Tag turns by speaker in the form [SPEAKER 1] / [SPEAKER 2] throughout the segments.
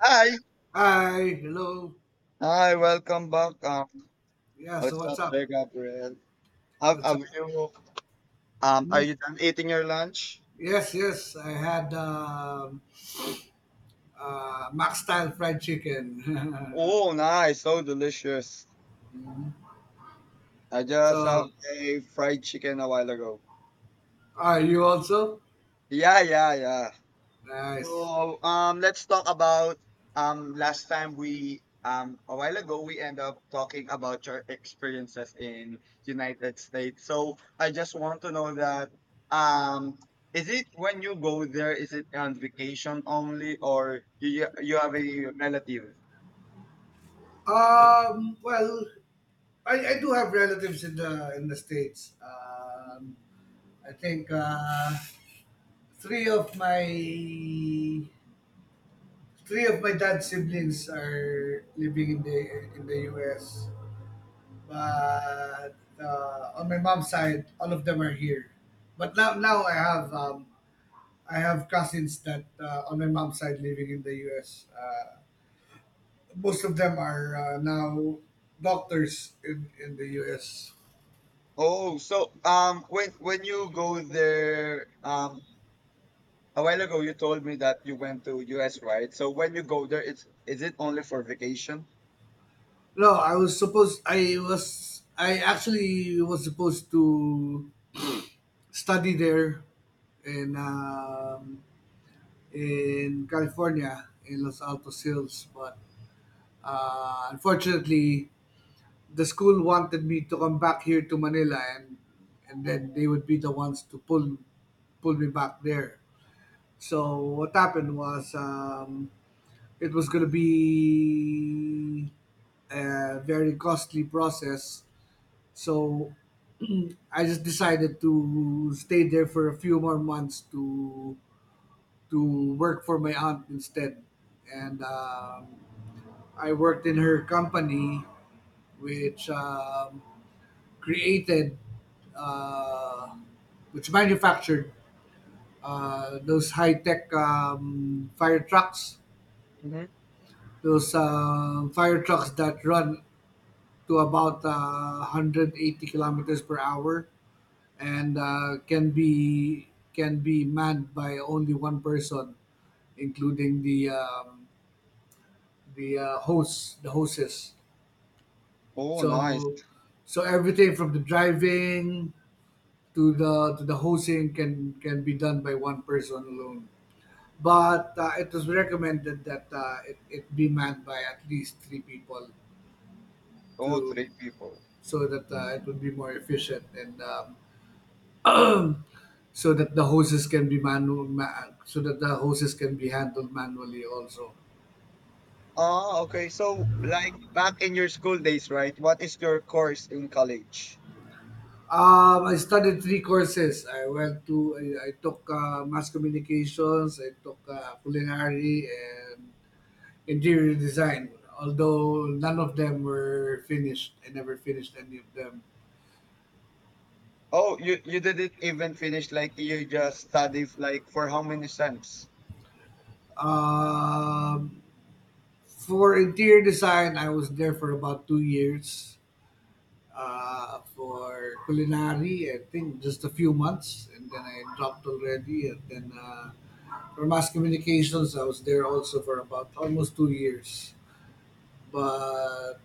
[SPEAKER 1] Hi.
[SPEAKER 2] Hi, hello.
[SPEAKER 1] Hi, welcome back. Um,
[SPEAKER 2] Yeah, so
[SPEAKER 1] what's
[SPEAKER 2] what's
[SPEAKER 1] up there,
[SPEAKER 2] up?
[SPEAKER 1] Gabriel? Have,
[SPEAKER 2] What's up?
[SPEAKER 1] have you, are
[SPEAKER 2] Hmm?
[SPEAKER 1] you done eating your lunch?
[SPEAKER 2] Yes, yes, I had Max style fried chicken.
[SPEAKER 1] Oh, nice. So delicious. I just have
[SPEAKER 2] So,
[SPEAKER 1] a fried chicken a while ago.
[SPEAKER 2] are you also?
[SPEAKER 1] Yeah, yeah, yeah.
[SPEAKER 2] Nice.
[SPEAKER 1] So let's talk about, last time we, a while ago we end up talking about your experiences in United States. So I just want to know that, um is it when you go there, is it on vacation only, or you have a relative?
[SPEAKER 2] Well, I do have relatives in the states. I think three of my three of my dad's siblings are living in the U.S. But on my mom's side, all of them are here. But now I have cousins that on my mom's side living in the U.S. Most of them are now doctors in the U.S.
[SPEAKER 1] Oh, so when you go there, a while ago you told me that you went to US, right? So when you go there, it's is it only for vacation?
[SPEAKER 2] No, I actually was supposed to study there in um, in California in Los Altos Hills, but unfortunately the school wanted me to come back here to Manila and then they would be the ones to pull me back there. So what happened was it was going to be a very costly process. So I just decided to stay there for a few more months to work for my aunt instead, and I worked in her company, which um, created, uh, which manufactured those high tech fire trucks,
[SPEAKER 1] Hmm.
[SPEAKER 2] those fire trucks that run to about 180 kilometers per hour and can be manned by only one person, including the the hostess.
[SPEAKER 1] Oh, nice.
[SPEAKER 2] So so everything from the driving to the hosing can be done by one person alone. But it was recommended that it be manned by at least three people
[SPEAKER 1] Oh,
[SPEAKER 2] to
[SPEAKER 1] three people.
[SPEAKER 2] so that it would be more efficient and so that the hoses can be manual ma- so that the hoses can be handled manually also.
[SPEAKER 1] Ah, okay. So, like back in your school days, right? What is your course in college?
[SPEAKER 2] I studied three courses. I took mass communications, I took culinary, and interior design. Although none of them were finished, I never finished any of them.
[SPEAKER 1] Oh, you didn't even finish. Like you just studied like for how many sems?
[SPEAKER 2] Um, for interior design, I was there for about 2 years. For culinary, I think just a few months, and then I dropped already. And then for mass communications, I was there also for about almost 2 years. But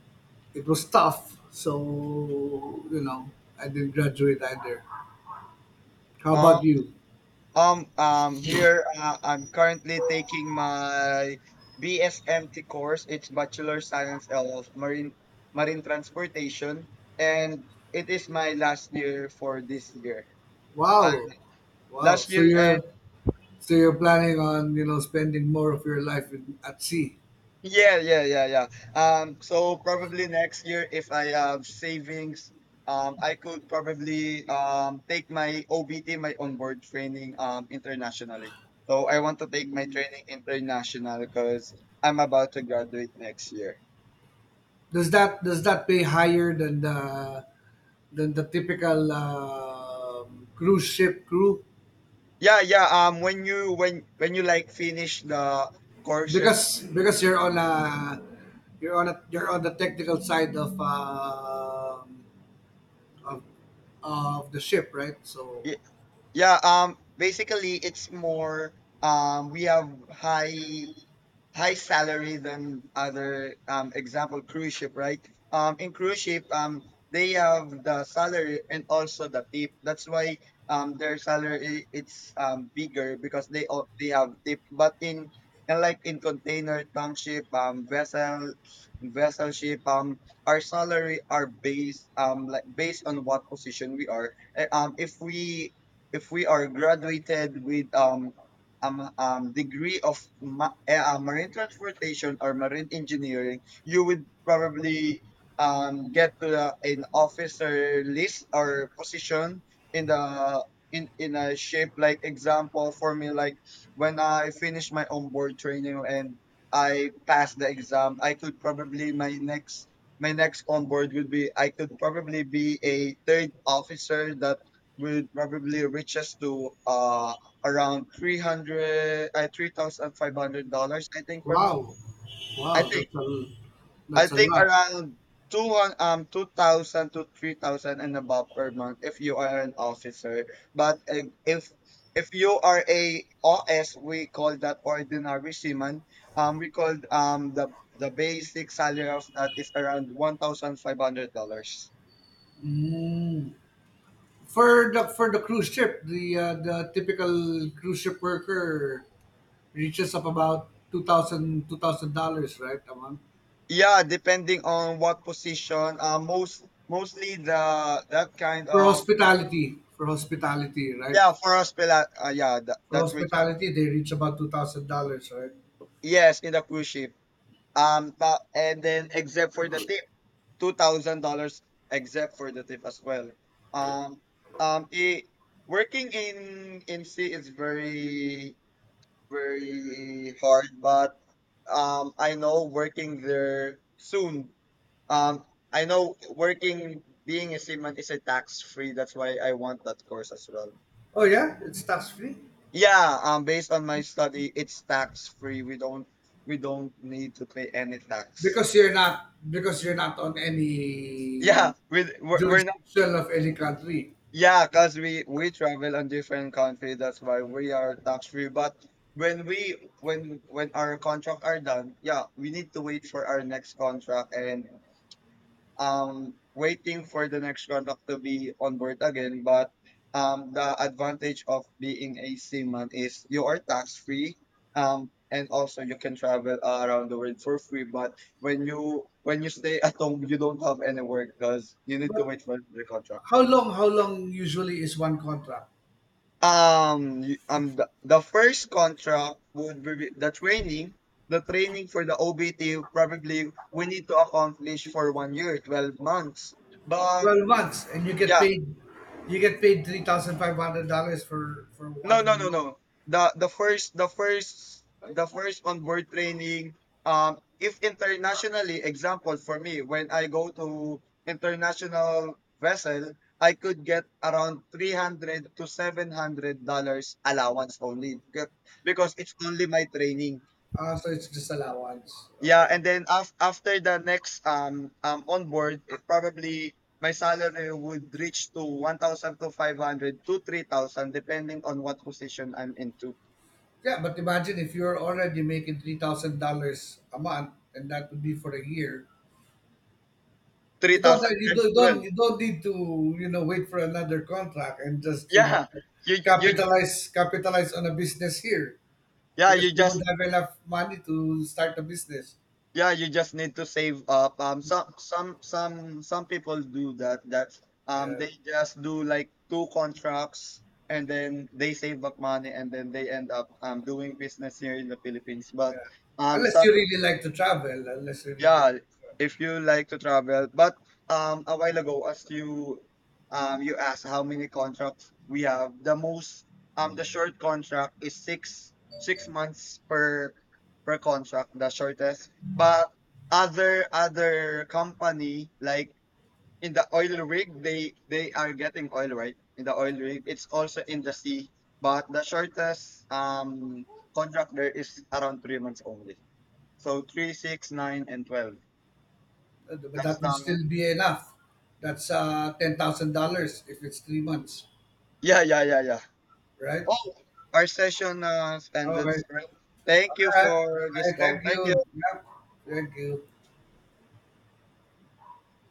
[SPEAKER 2] it was tough, so you know, I didn't graduate either. How
[SPEAKER 1] Ah,
[SPEAKER 2] about you?
[SPEAKER 1] here, I'm currently taking my BSMT course. It's Bachelor Science of Marine Transportation, and it is my last year for this year. Uh,
[SPEAKER 2] Wow, wow.
[SPEAKER 1] last
[SPEAKER 2] So
[SPEAKER 1] year.
[SPEAKER 2] you're so you're planning on spending more of your life at sea.
[SPEAKER 1] Yeah, yeah, yeah, yeah. So probably next year, if I have savings, I could probably take my OBT, my onboard training, internationally. So I want to take my training international because I'm about to graduate next year.
[SPEAKER 2] Does that pay higher than the typical cruise ship crew?
[SPEAKER 1] Yeah, yeah. When you when you like finish the courses,
[SPEAKER 2] Because you're on the technical side of of the ship, right? So,
[SPEAKER 1] yeah, basically it's more, we have high salary than other, example, cruise ship, right? In cruise ship, they have the salary and also the tip. That's why, their salary, it's bigger because they have tip. But in and like in container, tank ship, vessel ship, our salary are based, like based on what position we are. If we are graduated with degree of marine transportation or marine engineering, you would probably, get to an officer list or position in the in a shape, like example for me, like when I finished my onboard training and I passed the exam, I could probably, my next onboard would be, I could probably be a third officer that would probably reach us to around 300, $3,500 I think per month.
[SPEAKER 2] wow,
[SPEAKER 1] I
[SPEAKER 2] wow.
[SPEAKER 1] think
[SPEAKER 2] That's a
[SPEAKER 1] I
[SPEAKER 2] that's a
[SPEAKER 1] think
[SPEAKER 2] lot.
[SPEAKER 1] around 2,000 to 3,000 and above per month if you are an officer. But if you are a OS, we call that ordinary seaman. We call, the basic salary of that is around $1,500.
[SPEAKER 2] Mm. For the cruise ship, the typical cruise ship worker reaches up about two thousand two thousand dollars, right? A month
[SPEAKER 1] Yeah, depending on what position. Mostly the that kind
[SPEAKER 2] for
[SPEAKER 1] of.
[SPEAKER 2] hospitality. For hospitality, right?
[SPEAKER 1] Yeah, for us pila, yeah, that,
[SPEAKER 2] For
[SPEAKER 1] that region.
[SPEAKER 2] hospitality, they reach about $2,000, right?
[SPEAKER 1] Yes, in the cruise ship. But, and then except for the tip, $2,000, except for the tip as well. Um, I working in sea is very very hard, but I know working there soon. Um, I know working, being a seaman is a tax free. That's why I want that course as well.
[SPEAKER 2] Oh yeah, it's tax free
[SPEAKER 1] Yeah, based on my study, it's tax free. We don't need to pay any tax.
[SPEAKER 2] because you're not on
[SPEAKER 1] Yeah,
[SPEAKER 2] any
[SPEAKER 1] we're not.
[SPEAKER 2] jurisdiction of any country.
[SPEAKER 1] Yeah, cause we travel on different country. That's why we are tax free. But when we when our contract are done, yeah, we need to wait for our next contract and, waiting for the next contract to be on board again. But the advantage of being a seaman is you are tax free. And also you can travel around the world for free. But when you stay at home, you don't have any work because you need to
[SPEAKER 2] But
[SPEAKER 1] wait for the contract.
[SPEAKER 2] how long? How long usually is one contract?
[SPEAKER 1] The first contract would be the training. The training for the OBT probably we need to accomplish for 1 year, 12 months. But
[SPEAKER 2] 12 months and you get
[SPEAKER 1] yeah.
[SPEAKER 2] paid you get paid $3,500 for
[SPEAKER 1] No, no,
[SPEAKER 2] one
[SPEAKER 1] no,
[SPEAKER 2] month,
[SPEAKER 1] no. The first onboard training. If internationally, example for me, when I go to international vessel, I could get around $300 to $700 allowance only, because it's only my training.
[SPEAKER 2] so it's just allowance,
[SPEAKER 1] Yeah,
[SPEAKER 2] okay.
[SPEAKER 1] and then after the next, onboard, it probably my salary would reach to 1,000 to 500 to 3,000 depending on what position I'm into.
[SPEAKER 2] Yeah, but imagine if you're already making $3,000 a month and that would be for a year.
[SPEAKER 1] three
[SPEAKER 2] you don't
[SPEAKER 1] thousand
[SPEAKER 2] you
[SPEAKER 1] times
[SPEAKER 2] don't, you
[SPEAKER 1] 12.
[SPEAKER 2] don't you don't need to wait for another contract and just
[SPEAKER 1] Yeah, you ju-
[SPEAKER 2] capitalize on a business here
[SPEAKER 1] yeah
[SPEAKER 2] because
[SPEAKER 1] you
[SPEAKER 2] you won't
[SPEAKER 1] just
[SPEAKER 2] have enough money to start a business.
[SPEAKER 1] yeah you just need to save up. Some people do that. That,
[SPEAKER 2] Yeah,
[SPEAKER 1] they just do like two contracts, and then they save up money and then they end up doing business here in the Philippines. But
[SPEAKER 2] yeah, unless
[SPEAKER 1] some
[SPEAKER 2] you really like to travel. Unless you really
[SPEAKER 1] yeah,
[SPEAKER 2] like to
[SPEAKER 1] if you like to travel. But, a while ago, as you asked how many contracts we have, the most, the short contract is six months per contract, the shortest. But other company like in the oil rig, they are getting oil right in the oil rig. It's also in the sea, but the shortest, contract there is around 3 months only. So three, six, 9, and 12.
[SPEAKER 2] But
[SPEAKER 1] That's
[SPEAKER 2] that would
[SPEAKER 1] the.
[SPEAKER 2] still be enough. That's $10,000 if it's 3 months,
[SPEAKER 1] Yeah, yeah, yeah, yeah.
[SPEAKER 2] right?
[SPEAKER 1] Oh, our session
[SPEAKER 2] Okay. All
[SPEAKER 1] ended.
[SPEAKER 2] right.
[SPEAKER 1] Right?
[SPEAKER 2] All
[SPEAKER 1] Thank you for this
[SPEAKER 2] right.
[SPEAKER 1] call.
[SPEAKER 2] Thank
[SPEAKER 1] Thank
[SPEAKER 2] you.
[SPEAKER 1] you.
[SPEAKER 2] Yep. Thank you.